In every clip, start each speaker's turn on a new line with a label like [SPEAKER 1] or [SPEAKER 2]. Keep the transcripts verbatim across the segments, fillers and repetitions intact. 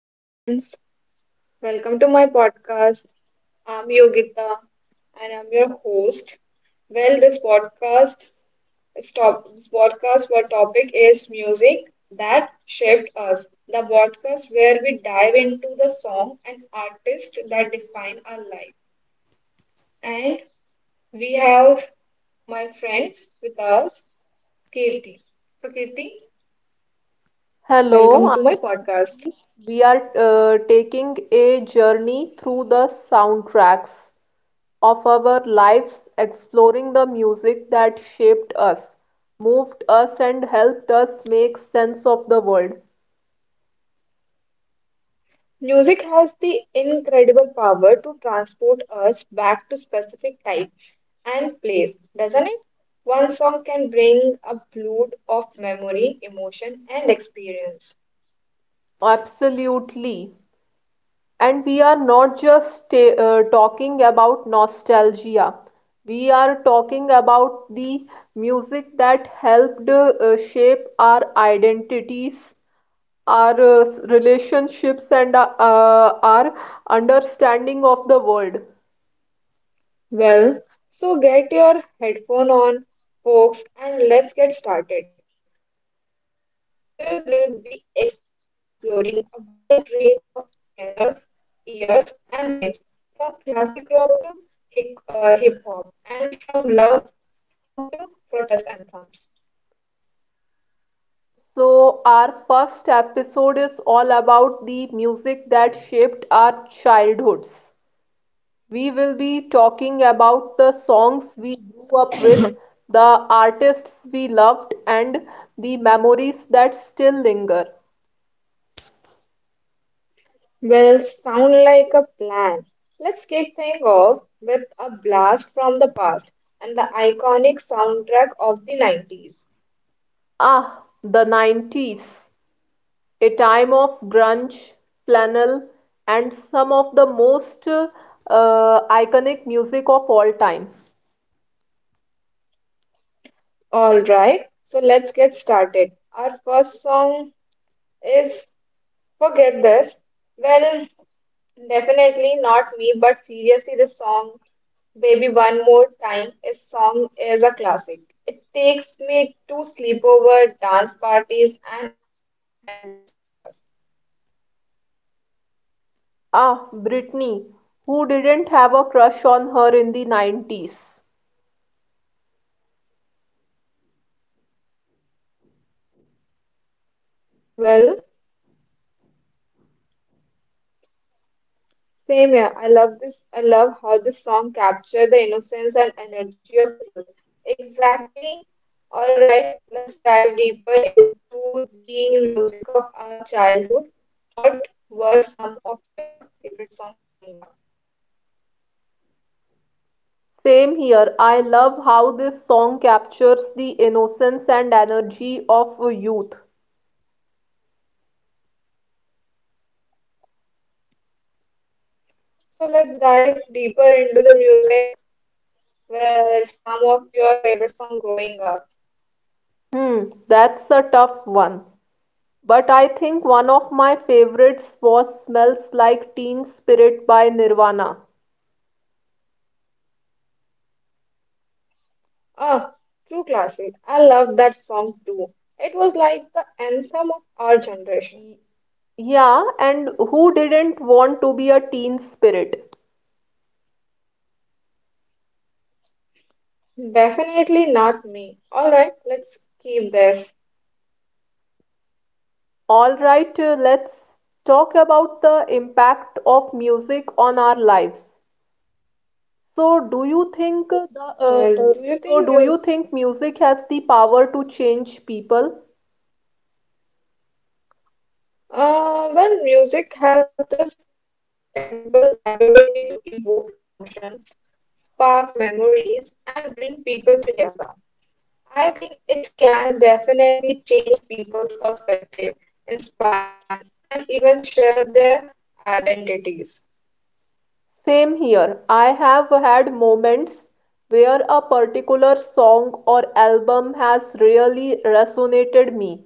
[SPEAKER 1] Hello, friends. Welcome to my podcast. I'm Yogita and I'm your host. Well, this podcast stop this podcast for topic is music that shaped us. The podcast where we dive into the song and artist that define our life. And we have my friends with us, Kirti. So Kirti, welcome
[SPEAKER 2] Hello,
[SPEAKER 1] to my
[SPEAKER 2] I-
[SPEAKER 1] podcast.
[SPEAKER 2] we are uh, taking a journey through the soundtracks of our lives, exploring the music that shaped us, moved us, and helped us make sense of the world.
[SPEAKER 1] Music has the incredible power to transport us back to specific time and place, doesn't it? One song can bring a flood of memory, emotion, and experience.
[SPEAKER 2] Absolutely. And we are not just ta uh, talking about nostalgia. We are talking about the music that helped uh, shape our identities, our uh, relationships, and uh, uh, our understanding of the world.
[SPEAKER 1] Well, so get your headphone on, folks, and let's get started. We will be exploring a wide range of genres, years, and themes, from classic rock to hip hop, and from love song to protest anthems.
[SPEAKER 2] So, our first episode is all about the music that shaped our childhoods. We will be talking about the songs we grew up with, the artists we loved, and the memories that still linger.
[SPEAKER 1] Well, sound like a plan. Let's kick things off with a blast from the past and the iconic soundtrack of the nineties.
[SPEAKER 2] Ah, the nineties, a time of grunge, flannel, and some of the most uh, iconic music of all time.
[SPEAKER 1] All right, so let's get started. Our first song is Forget This. Well, definitely not me, but seriously, this song Baby One More Time is song is a classic. It takes me to sleepover, dance parties, and endless summers.
[SPEAKER 2] Ah, Britney, who didn't have a crush on her in the nineties?
[SPEAKER 1] Well, same here. I love this. I love how this song captured the innocence and energy of youth. Exactly. All right, let's dive deeper into the music of our childhood. What were some of your favorite songs growing up?
[SPEAKER 2] Same here. I love how this song captures the innocence and energy of youth.
[SPEAKER 1] So let's dive deeper into the music. Where some of your favorite song growing up?
[SPEAKER 2] Hmm, that's a tough one. But I think one of my favorites was Smells Like Teen Spirit by Nirvana.
[SPEAKER 1] Ah, true classic. I love that song too. It was like the anthem of our
[SPEAKER 2] Y-
[SPEAKER 1] generation.
[SPEAKER 2] Yeah, and who didn't want to be a teen spirit?
[SPEAKER 1] Definitely not me. All right, let's keep this.
[SPEAKER 2] All right, uh, let's talk about the impact of music on our lives. So do you think the uh, uh,
[SPEAKER 1] Well, do you
[SPEAKER 2] so do
[SPEAKER 1] think
[SPEAKER 2] you
[SPEAKER 1] music?
[SPEAKER 2] think music has the power to change people?
[SPEAKER 1] Uh, well, music has this incredible ability to evoke emotions, spark memories, and bring people together. I think it can definitely change people's perspective, inspire them, and even share their identities.
[SPEAKER 2] Same here. I have had moments where a particular song or album has really resonated me,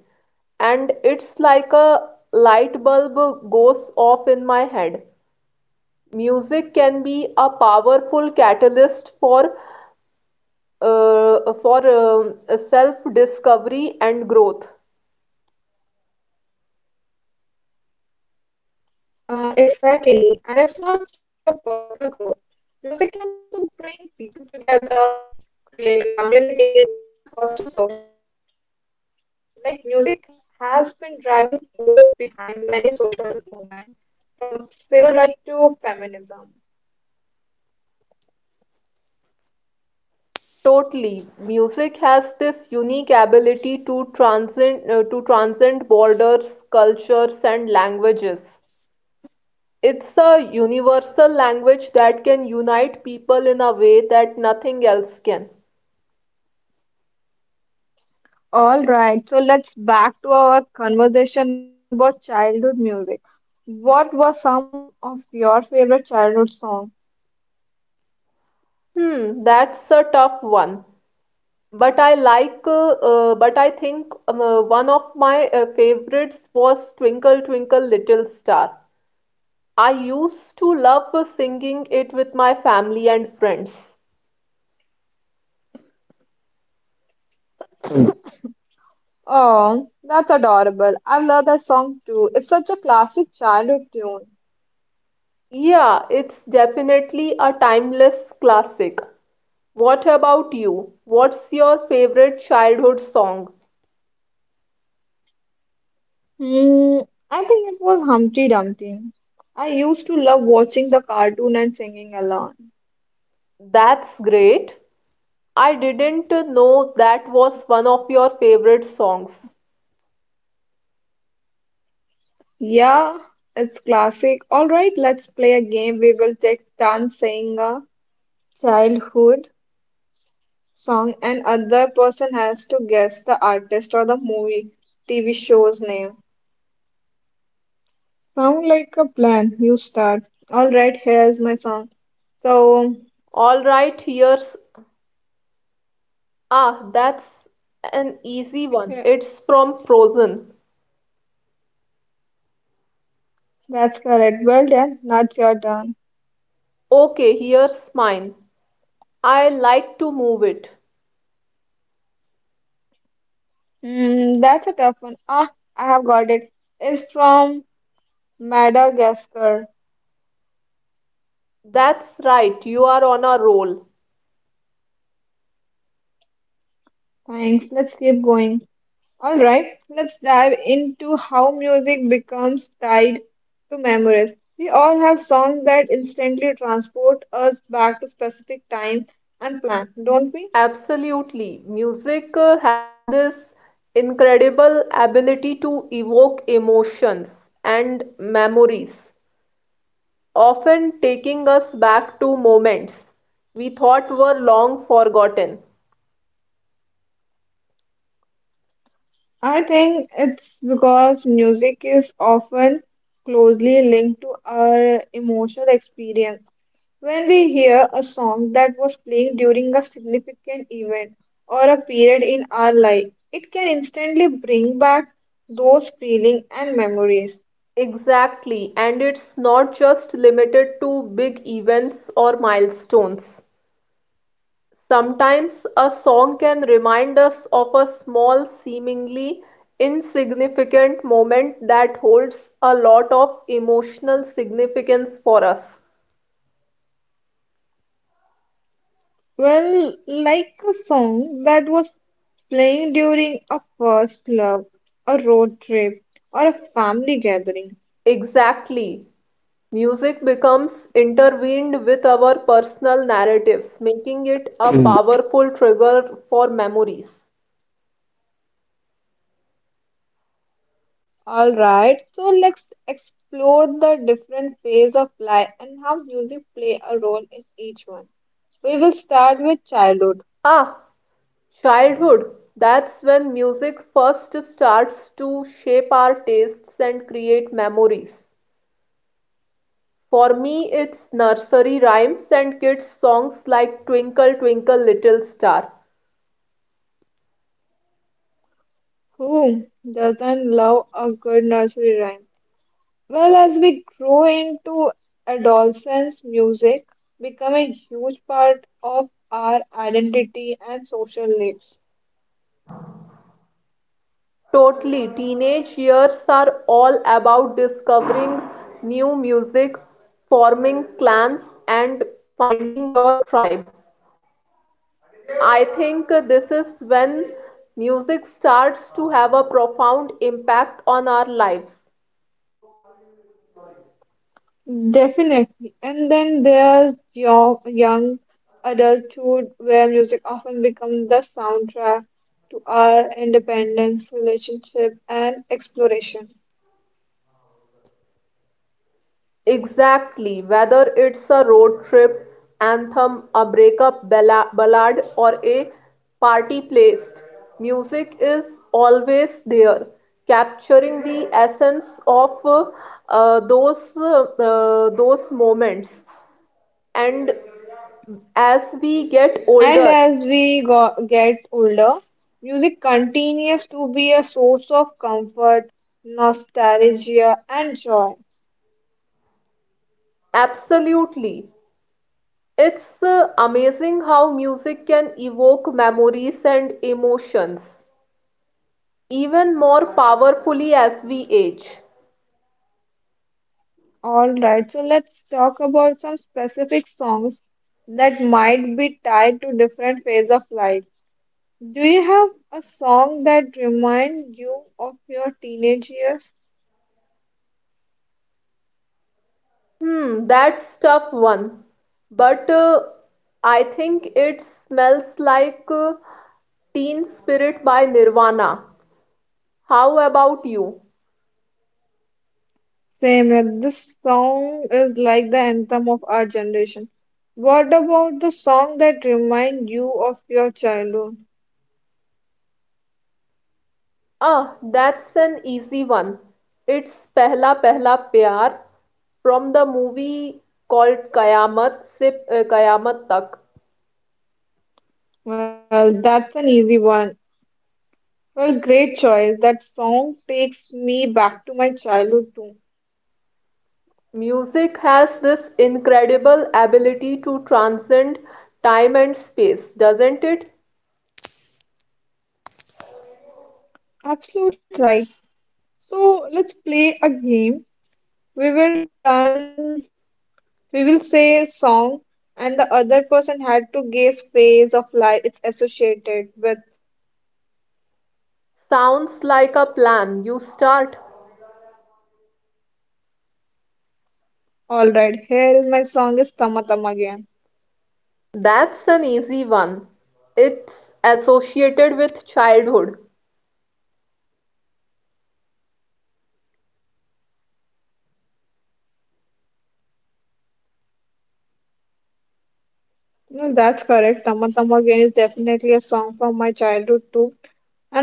[SPEAKER 2] and it's like a light bulb goes off in my head. Music can be a powerful catalyst for uh, for um, self-discovery and growth.
[SPEAKER 1] Uh, exactly. And it's not just a personal growth. Music can also bring people together, create communities, and foster social change. Think about it. Like music has been driving force behind many social movements, from civil rights to feminism.
[SPEAKER 2] Totally. Music has this unique ability to transcend uh, to transcend borders, cultures, and languages. It's a universal language that can unite people in a way that nothing else can.
[SPEAKER 1] All right, so let's back to our conversation about childhood music. What were some of your favorite childhood songs?
[SPEAKER 2] Hmm, that's a tough one. But I like, uh, uh, but I think um, uh, one of my uh, favorites was Twinkle Twinkle Little Star. I used to love uh, singing it with my family and friends.
[SPEAKER 1] Oh, that's adorable. I love that song too. It's such a classic childhood tune.
[SPEAKER 2] Yeah, it's definitely a timeless classic. What about you? What's your favorite childhood song?
[SPEAKER 1] Hmm, I think it was Humpty Dumpty. I used to love watching the cartoon and singing along.
[SPEAKER 2] That's great. I didn't know that was one of your favorite songs.
[SPEAKER 1] Yeah, it's classic. All right, let's play a game. We will take turns saying a childhood song and other person has to guess the artist or the movie T V show's name. Sound like a plan. You start. All right, here's my song. So,
[SPEAKER 2] All right, here's. Ah, that's an easy one. It's from Frozen.
[SPEAKER 1] that's correct. Well done. Now it's your turn.
[SPEAKER 2] Okay, here's mine. I like to move it.
[SPEAKER 1] Hmm, that's a tough one. Ah, I got it. It's from Madagascar.
[SPEAKER 2] That's right, you are on a roll.
[SPEAKER 1] Thanks. Let's keep going. All right, let's dive into how music becomes tied to memories. We all have songs that instantly transport us back to specific time and plan, don't we?
[SPEAKER 2] Absolutely. Music uh, has this incredible ability to evoke emotions and memories, often taking us back to moments we thought were long forgotten.
[SPEAKER 1] I think it's because music is often closely linked to our emotional experience. When we hear a song that was playing during a significant event or a period in life, it can instantly bring back those feelings and memories.
[SPEAKER 2] Exactly, and it's not just limited to big events or milestones. Sometimes a song can remind us of a small, seemingly insignificant moment that holds a lot of emotional significance for us.
[SPEAKER 1] Well, like a song that was playing during a first love, a road trip, or a family gathering.
[SPEAKER 2] Exactly. Music becomes intertwined with our personal narratives, making it a powerful trigger for memories.
[SPEAKER 1] Alright, so let's explore the different phases of life and how music play a role in each one. We will start with childhood.
[SPEAKER 2] Ah, childhood. That's when music first starts to shape our tastes and create memories. For me it's nursery rhymes and kids songs like Twinkle Twinkle Little Star.
[SPEAKER 1] Who doesn't love a good nursery rhyme? Well, as we grow into adolescence, music become a huge part of our identity and social lives.
[SPEAKER 2] Totally, teenage years are all about discovering new music, forming clans and finding your tribe. I think this is when music starts to have a profound impact on our lives.
[SPEAKER 1] Definitely. And then there's young, young adulthood where music often becomes the soundtrack to our independence, relationship, and exploration.
[SPEAKER 2] Exactly, whether it's a road trip anthem, a breakup balla- ballad, or a party playlist, music is always there, capturing the essence of uh, uh, those uh, uh, those moments. And as we get
[SPEAKER 1] And
[SPEAKER 2] older,
[SPEAKER 1] as we go- get older, music continues to be a source of comfort, nostalgia, and joy.
[SPEAKER 2] absolutely, it's uh, amazing how music can evoke memories and emotions even more powerfully as we age.
[SPEAKER 1] All right, so let's talk about some specific songs that might be tied to different phases of life. Do you have a song that reminds you of your teenage years?
[SPEAKER 2] Hmm, that's tough one. But uh, I think it smells like uh, Teen Spirit by Nirvana. How about you?
[SPEAKER 1] Same, yeah, this song is like the anthem of our generation. What about the song that reminds you of your childhood?
[SPEAKER 2] Ah, that's an easy one. It's Pehla Pehla Pyar from the movie called Kayamat Se uh, Kayamat Tak.
[SPEAKER 1] Well, that's an easy one. Well, great choice. That song takes me back to my childhood too.
[SPEAKER 2] Music has this incredible ability to transcend time and space, doesn't it?
[SPEAKER 1] Absolutely right. So let's play a game. We will turn, we will say a song, and the other person had to guess phase of life it's associated with.
[SPEAKER 2] Sounds like a plan. You start.
[SPEAKER 1] All right, here is my song is Tama Tama Again.
[SPEAKER 2] That's an easy one. It's associated with childhood.
[SPEAKER 1] No, that's correct. Tama Tama Again is definitely a song from my childhood too.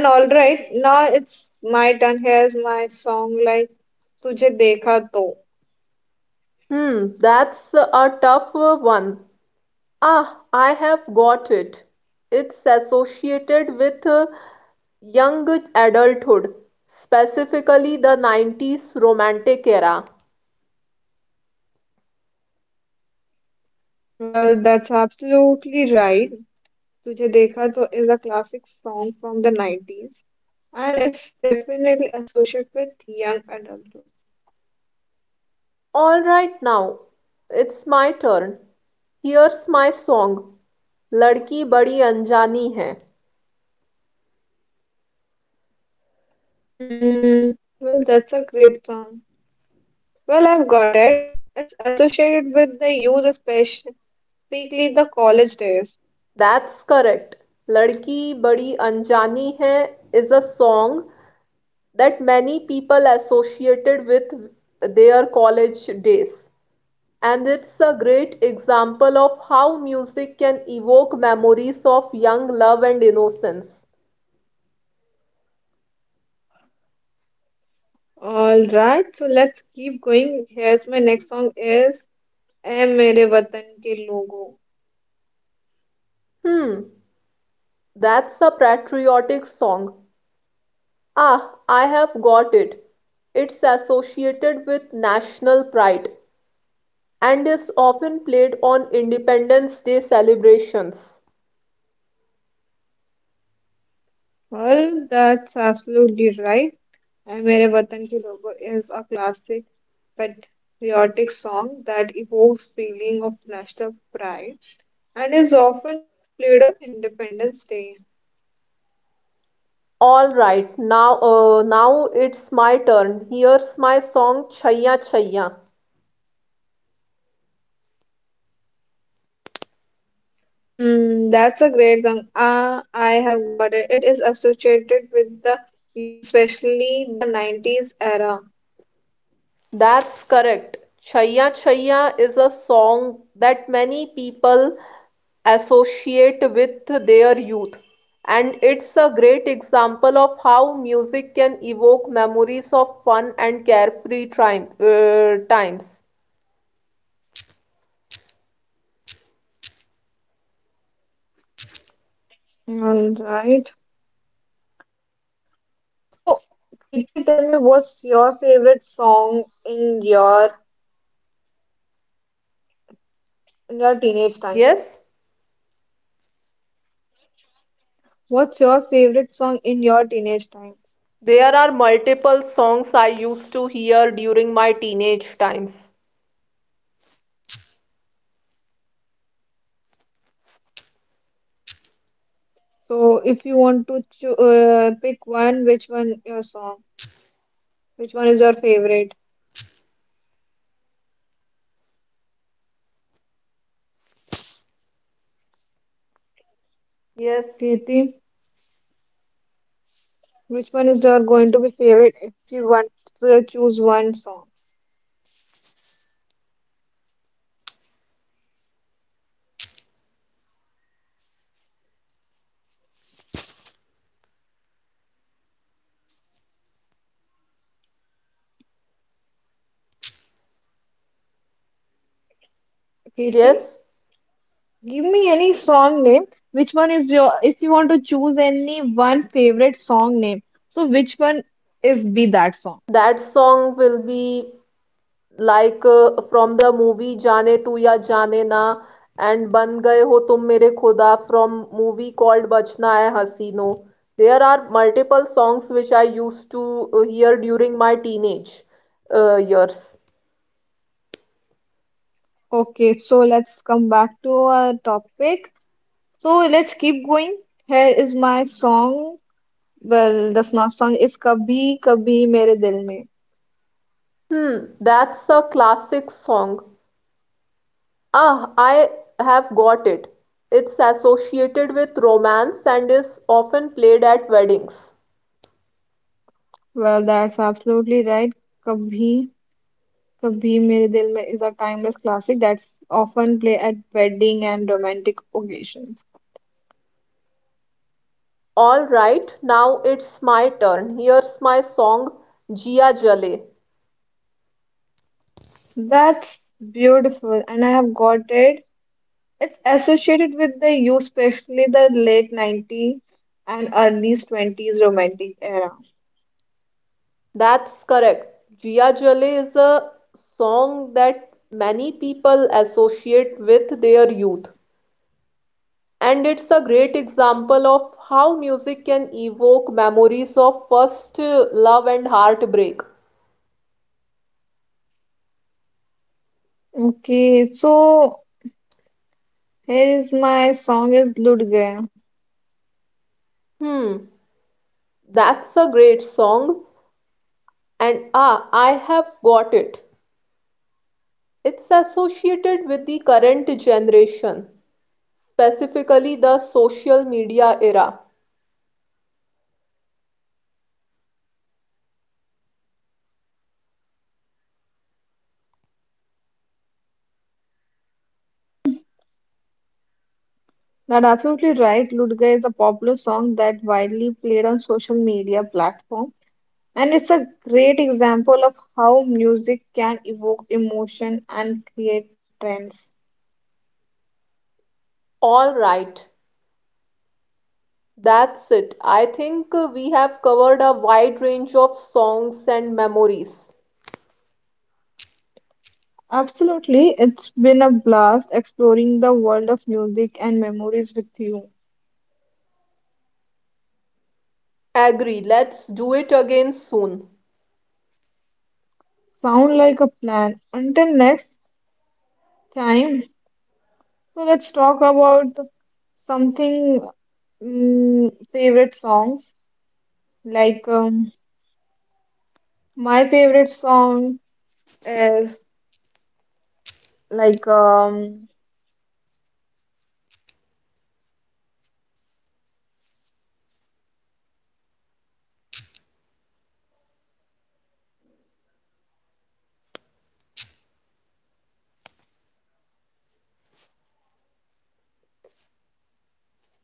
[SPEAKER 1] Alright, now it's my turn. Here's my song like Tujhe Dekha To.
[SPEAKER 2] Hmm, that's a tough one. Ah, I have got it. It's associated with uh, young adulthood, specifically the nineties romantic era.
[SPEAKER 1] Well, that's absolutely right. Tujhe Dekha To is a classic song from the nineties and it's definitely associated with young adulthood.
[SPEAKER 2] All right, now it's my turn. Here's my song, Ladki Badi Anjani Hai.
[SPEAKER 1] Hmm, well, that's a great song. Well, I've got it. It's associated with the youth, especially the college days.
[SPEAKER 2] That's correct. Ladki Badi Anjani Hai is a song that many people associated with their college days. And it's a great example of how music can evoke memories of young love and innocence.
[SPEAKER 1] Alright, so let's keep going. Here's my next song is ए मेरे वतन के लोगों.
[SPEAKER 2] Hmm, that's a patriotic song. Ah, I have got it. It's associated with national pride and is often played on Independence Day celebrations.
[SPEAKER 1] Well, that's absolutely right. And Mere Watan Ke Logo is a classic patriotic song that evokes feeling of national pride and is often played on Independence Day.
[SPEAKER 2] All right, now uh, now it's my turn. Here's my song Chhaiya Chhaiya.
[SPEAKER 1] Hmm, that's a great song. Ah, I have got it. It is associated with the youth, especially the nineties era.
[SPEAKER 2] That's correct. Chhaiya Chhaiya is a song that many people associate with their youth. And it's a great example of how music can evoke memories of fun and carefree time, uh, times.
[SPEAKER 1] All right. So, Preeti, tell me what's your favorite song in your in your teenage time?
[SPEAKER 2] Yes,
[SPEAKER 1] What's your favorite song in your teenage time?
[SPEAKER 2] there are multiple songs I used to hear during my teenage times.
[SPEAKER 1] So, if you want to cho- uh, pick one, which one your song? Which one is your favorite?
[SPEAKER 2] Yes,
[SPEAKER 1] Kirti, which one is your going to be favorite if you want to choose one song? Kirti?
[SPEAKER 2] yes.
[SPEAKER 1] Give me any song name. Which one is your, if you want to choose any one favorite song name, so which one is be that song?
[SPEAKER 2] That song will be like uh, from the movie Jaane Tu Ya Jaane Na and Ban Gaye Ho Tum Mere Khuda from movie called Bachna Hai Hasino. There are multiple songs which I used to uh, hear during my teenage uh, years.
[SPEAKER 1] Okay, back to our topic. So let's keep going. Here is my song. Well, the sno- song is Kabhi Kabhi Mere Dil Mein.
[SPEAKER 2] Hmm, that's a classic song. Ah, I have got it. It's associated with romance and is often played at weddings.
[SPEAKER 1] Well, that's absolutely right. Kabhi Kabhi Mere Dil Mein is a timeless classic that's often played at wedding and romantic occasions.
[SPEAKER 2] Alright, now it's my turn. Here's my song Jia Jale.
[SPEAKER 1] That's beautiful, and I have got it. It's associated with the youth, especially the late nineties and early twenties romantic era.
[SPEAKER 2] That's correct. Jia Jale is a song that many people associate with their youth. And it's a great example of how music can evoke memories of first uh, love and heartbreak.
[SPEAKER 1] Okay, so here is my song is Ludge.
[SPEAKER 2] Hmm, that's a great song. And ah, I have got it. It's associated with the current generation, specifically the social media era.
[SPEAKER 1] That absolutely right. Ludga is a popular song that widely played on social media platform, and it's a great example of how music can evoke emotion and create trends.
[SPEAKER 2] All right, that's it. I think uh, we have covered a wide range of songs and memories.
[SPEAKER 1] Absolutely, it's been a blast exploring the world of music and memories with you.
[SPEAKER 2] Agree, let's do it again soon.
[SPEAKER 1] Sound like a plan. Until next time, so let's talk about something mm, favorite songs like um, my favorite song is like, um,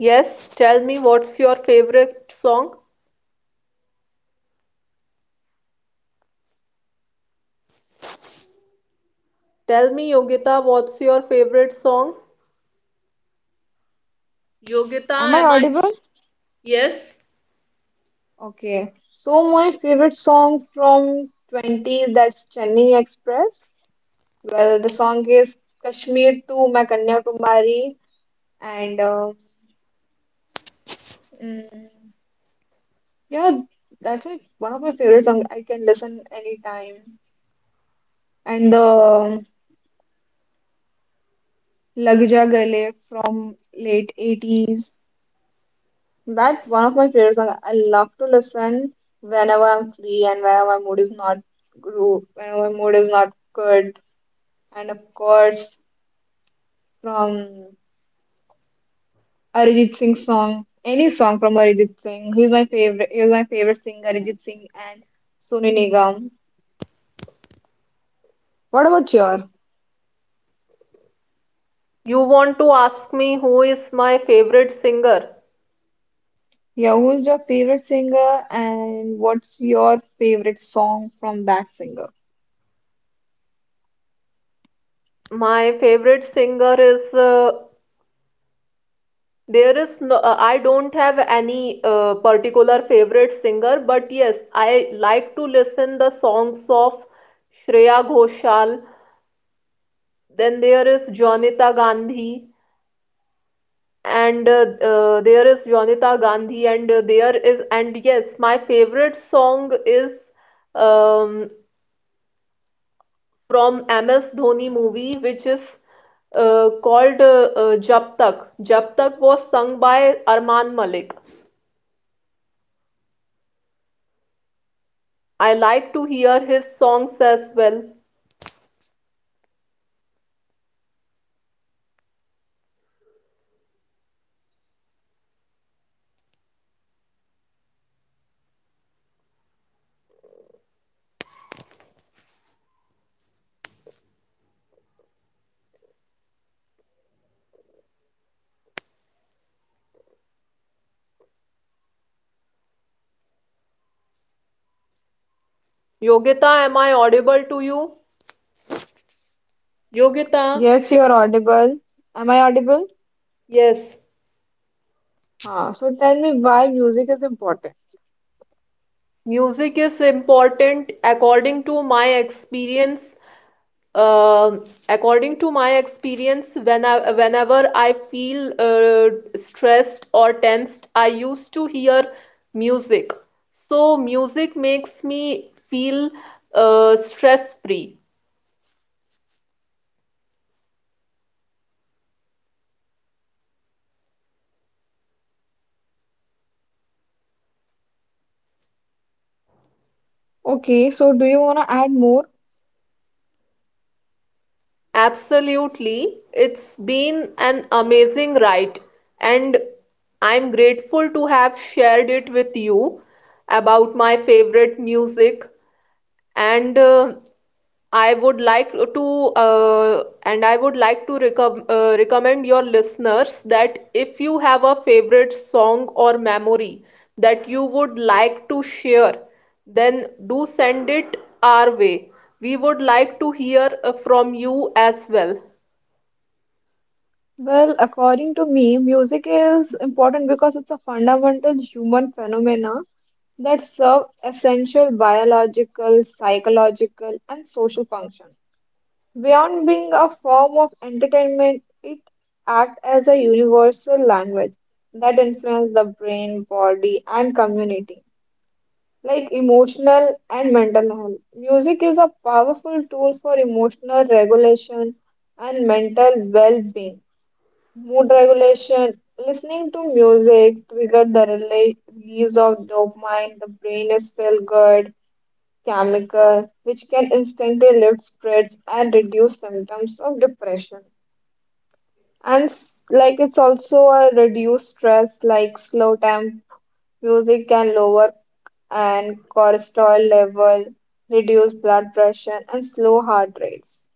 [SPEAKER 2] Yes, tell me what's your favorite song? Tell me, Yogita, what's your favorite song? Yogita,
[SPEAKER 1] am
[SPEAKER 2] am
[SPEAKER 1] I
[SPEAKER 2] I?
[SPEAKER 1] audible?
[SPEAKER 2] Yes.
[SPEAKER 1] Okay. So my favorite song from twenties that's Chennai Express. Well, the song is Kashmir to my Kumari, and uh, mm, yeah, that's my, one of my favorite songs. I can listen anytime. And the Lag Ja Gale from late eighties. That's one of my favorite songs. I love to listen whenever I'm free and whenever my mood is not gro- whenever my mood is not good. And of course, from Arijit Singh song, any song from Arijit Singh. He's my favorite. He's my favorite singer, Arijit Singh and Sonu Nigam. What about your?
[SPEAKER 2] You want to ask me who is my favorite singer?
[SPEAKER 1] Yeah, who's your favorite singer and what's your favorite song from that singer?
[SPEAKER 2] My favorite singer is uh, There is no, uh, I don't have any uh, particular favorite singer, but yes, I like to listen the songs of Shreya Ghoshal. Then there is Janita Gandhi, and uh, uh, There is Janita Gandhi, and uh, there is, and yes, my favorite song is um, from M S Dhoni movie, which is uh, called uh, uh, Jab Tak. Jab Tak was sung by Arman Malik. I like to hear his songs as well. Yogita, am I audible to you? Yogita,
[SPEAKER 1] Yes, you're audible. Am I audible?
[SPEAKER 2] yes,
[SPEAKER 1] Ah, so tell me why music is important.
[SPEAKER 2] music is important according to my experience. Uh, According to my experience, when I, whenever I feel uh, stressed or tensed, I used to hear music. So music makes me feel uh, stress free.
[SPEAKER 1] Okay, so do you want to add more?
[SPEAKER 2] Absolutely. It's been an amazing ride, and I'm grateful to have shared it with you about my favorite music and uh, I would like to uh, and I would like to recom uh, recommend your listeners that if you have a favorite song or memory that you would like to share, then do send it our way. We would like to hear uh, from you as well.
[SPEAKER 1] Well, according to me, music is important because it's a fundamental human phenomena that serve essential biological, psychological, and social function. Beyond being a form of entertainment, it acts as a universal language that influences the brain, body, and community. Like emotional and mental health. Music is a powerful tool for emotional regulation and mental well being. Mood regulation listening to music triggered the rela- release of dopamine, the brain is feel good chemical, which can instantly lift spirits and reduce symptoms of depression. And s- like it's also a reduced stress, like slow temp music can lower and cholesterol level, reduce blood pressure, and slow heart rates.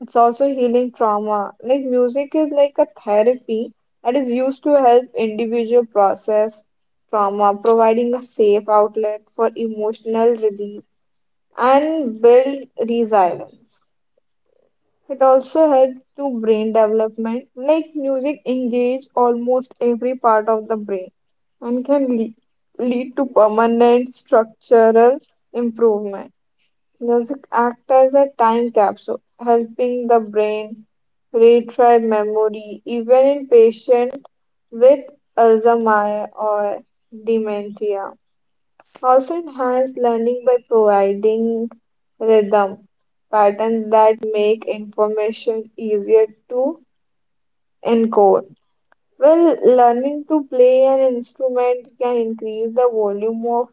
[SPEAKER 1] It's also healing trauma. Like music is like a therapy that is used to help individual process trauma, providing a safe outlet for emotional release and build resilience. It also helps to brain development, like music engage almost every part of the brain and can lead, lead to permanent structural improvement. Music acts as a time capsule, helping the brain retrieve memory even in patients with Alzheimer or dementia. Also enhance learning by providing rhythm patterns that make information easier to encode. Well, learning to play an instrument can increase the volume of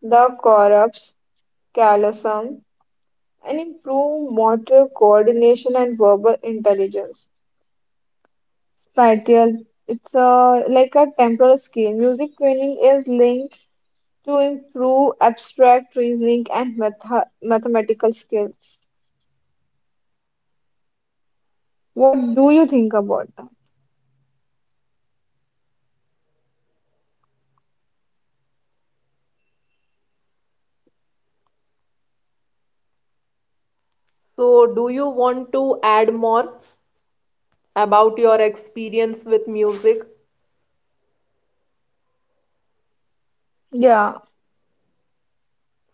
[SPEAKER 1] the corpus callosum and improve motor coordination and verbal intelligence. Spatial, it's a, like a temporal scale. Music training is linked to improve abstract reasoning and matha- mathematical skills. What do you think about that?
[SPEAKER 2] So, do you want to add more about your experience with music?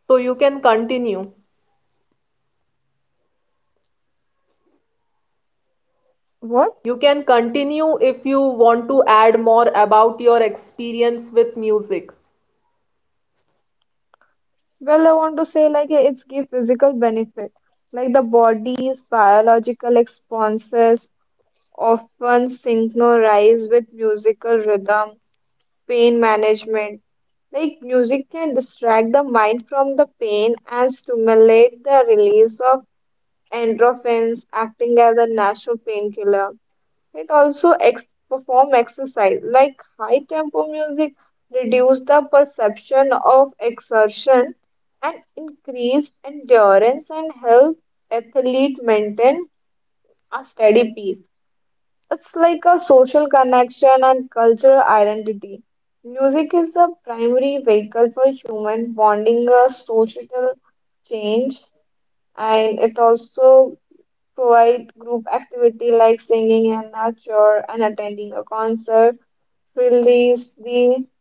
[SPEAKER 2] So you can continue.
[SPEAKER 1] What?
[SPEAKER 2] You can continue if you want to add more about your experience with music.
[SPEAKER 1] Well, I want to say like yeah, it's give physical benefit. Like the body's biological responses often synchronize with musical rhythm, pain management. Like music can distract the mind from the pain and stimulate the release of endorphins, acting as a natural painkiller. It also ex perform exercise like high tempo music reduce the perception of exertion and increase endurance and help athlete maintain a steady pace. It's like a social connection and cultural identity. Music is the primary vehicle for human bonding, a social change, and it also provide group activity like singing and nature and attending a concert, release the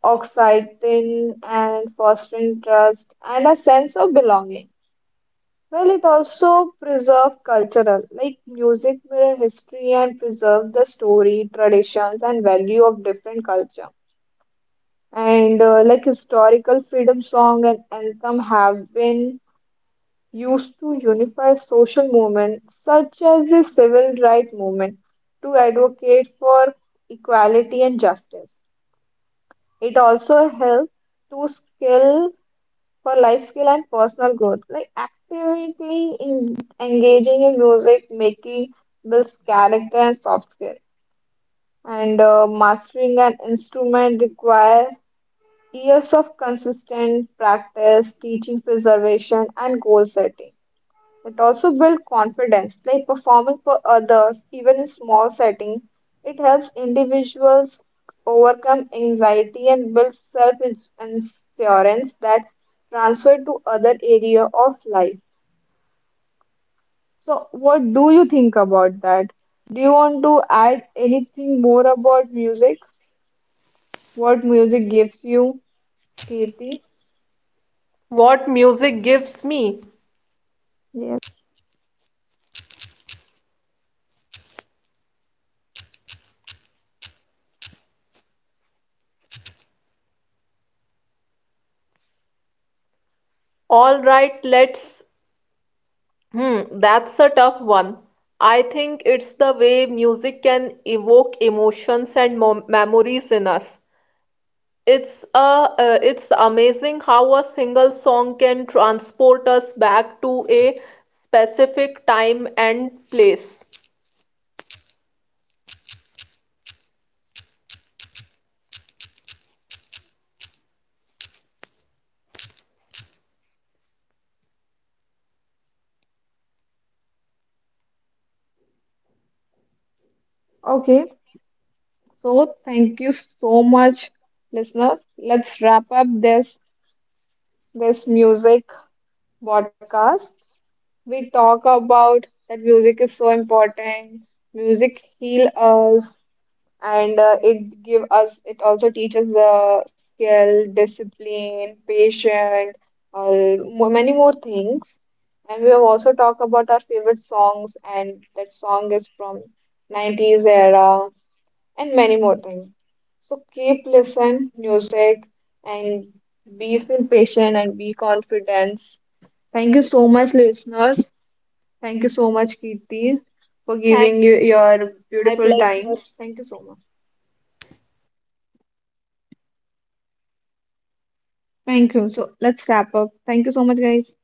[SPEAKER 1] oxytocin and fostering trust and a sense of belonging. Well, it also preserve cultural, like music mirror history and preserve the story, traditions and value of different culture. And uh, Like historical freedom song and anthem have been used to unify social movements such as the civil rights movement to advocate for equality and justice. It also helped to skill for life skill and personal growth, like actively in, engaging in music making builds character and soft skill. And uh, Mastering an instrument requires years of consistent practice, teaching preservation, and goal setting. It also builds confidence, like performing for others, even in small settings. It helps individuals overcome anxiety and build self insurance that transfer to other area of life. So, what do you think about that? Do you want to add anything more about music? What music gives you, Kirti?
[SPEAKER 2] What music gives me?
[SPEAKER 1] Yes.
[SPEAKER 2] All right, let's. Hmm, that's a tough one. I think it's the way music can evoke emotions and mo memories in us. It's a, uh, it's amazing how a single song can transport us back to a specific time and place.
[SPEAKER 1] Okay. So, thank you so much, listeners. Let's wrap up this this music podcast, we talk about that music is so important. Music heal us, and uh, it give us. It also teaches the skill, discipline, patience, uh, mo- many more things. And we have also talked about our favorite songs, that song is from nineties era, and many more things. So keep listen music and be feel patient and be confident. Thank you so much, listeners. Thank you so much, Kirti, for
[SPEAKER 2] Thank
[SPEAKER 1] giving you
[SPEAKER 2] you.
[SPEAKER 1] your
[SPEAKER 2] My
[SPEAKER 1] beautiful
[SPEAKER 2] pleasure.
[SPEAKER 1] time. Thank you so much. Thank you. So let's wrap up. Thank you so much, guys.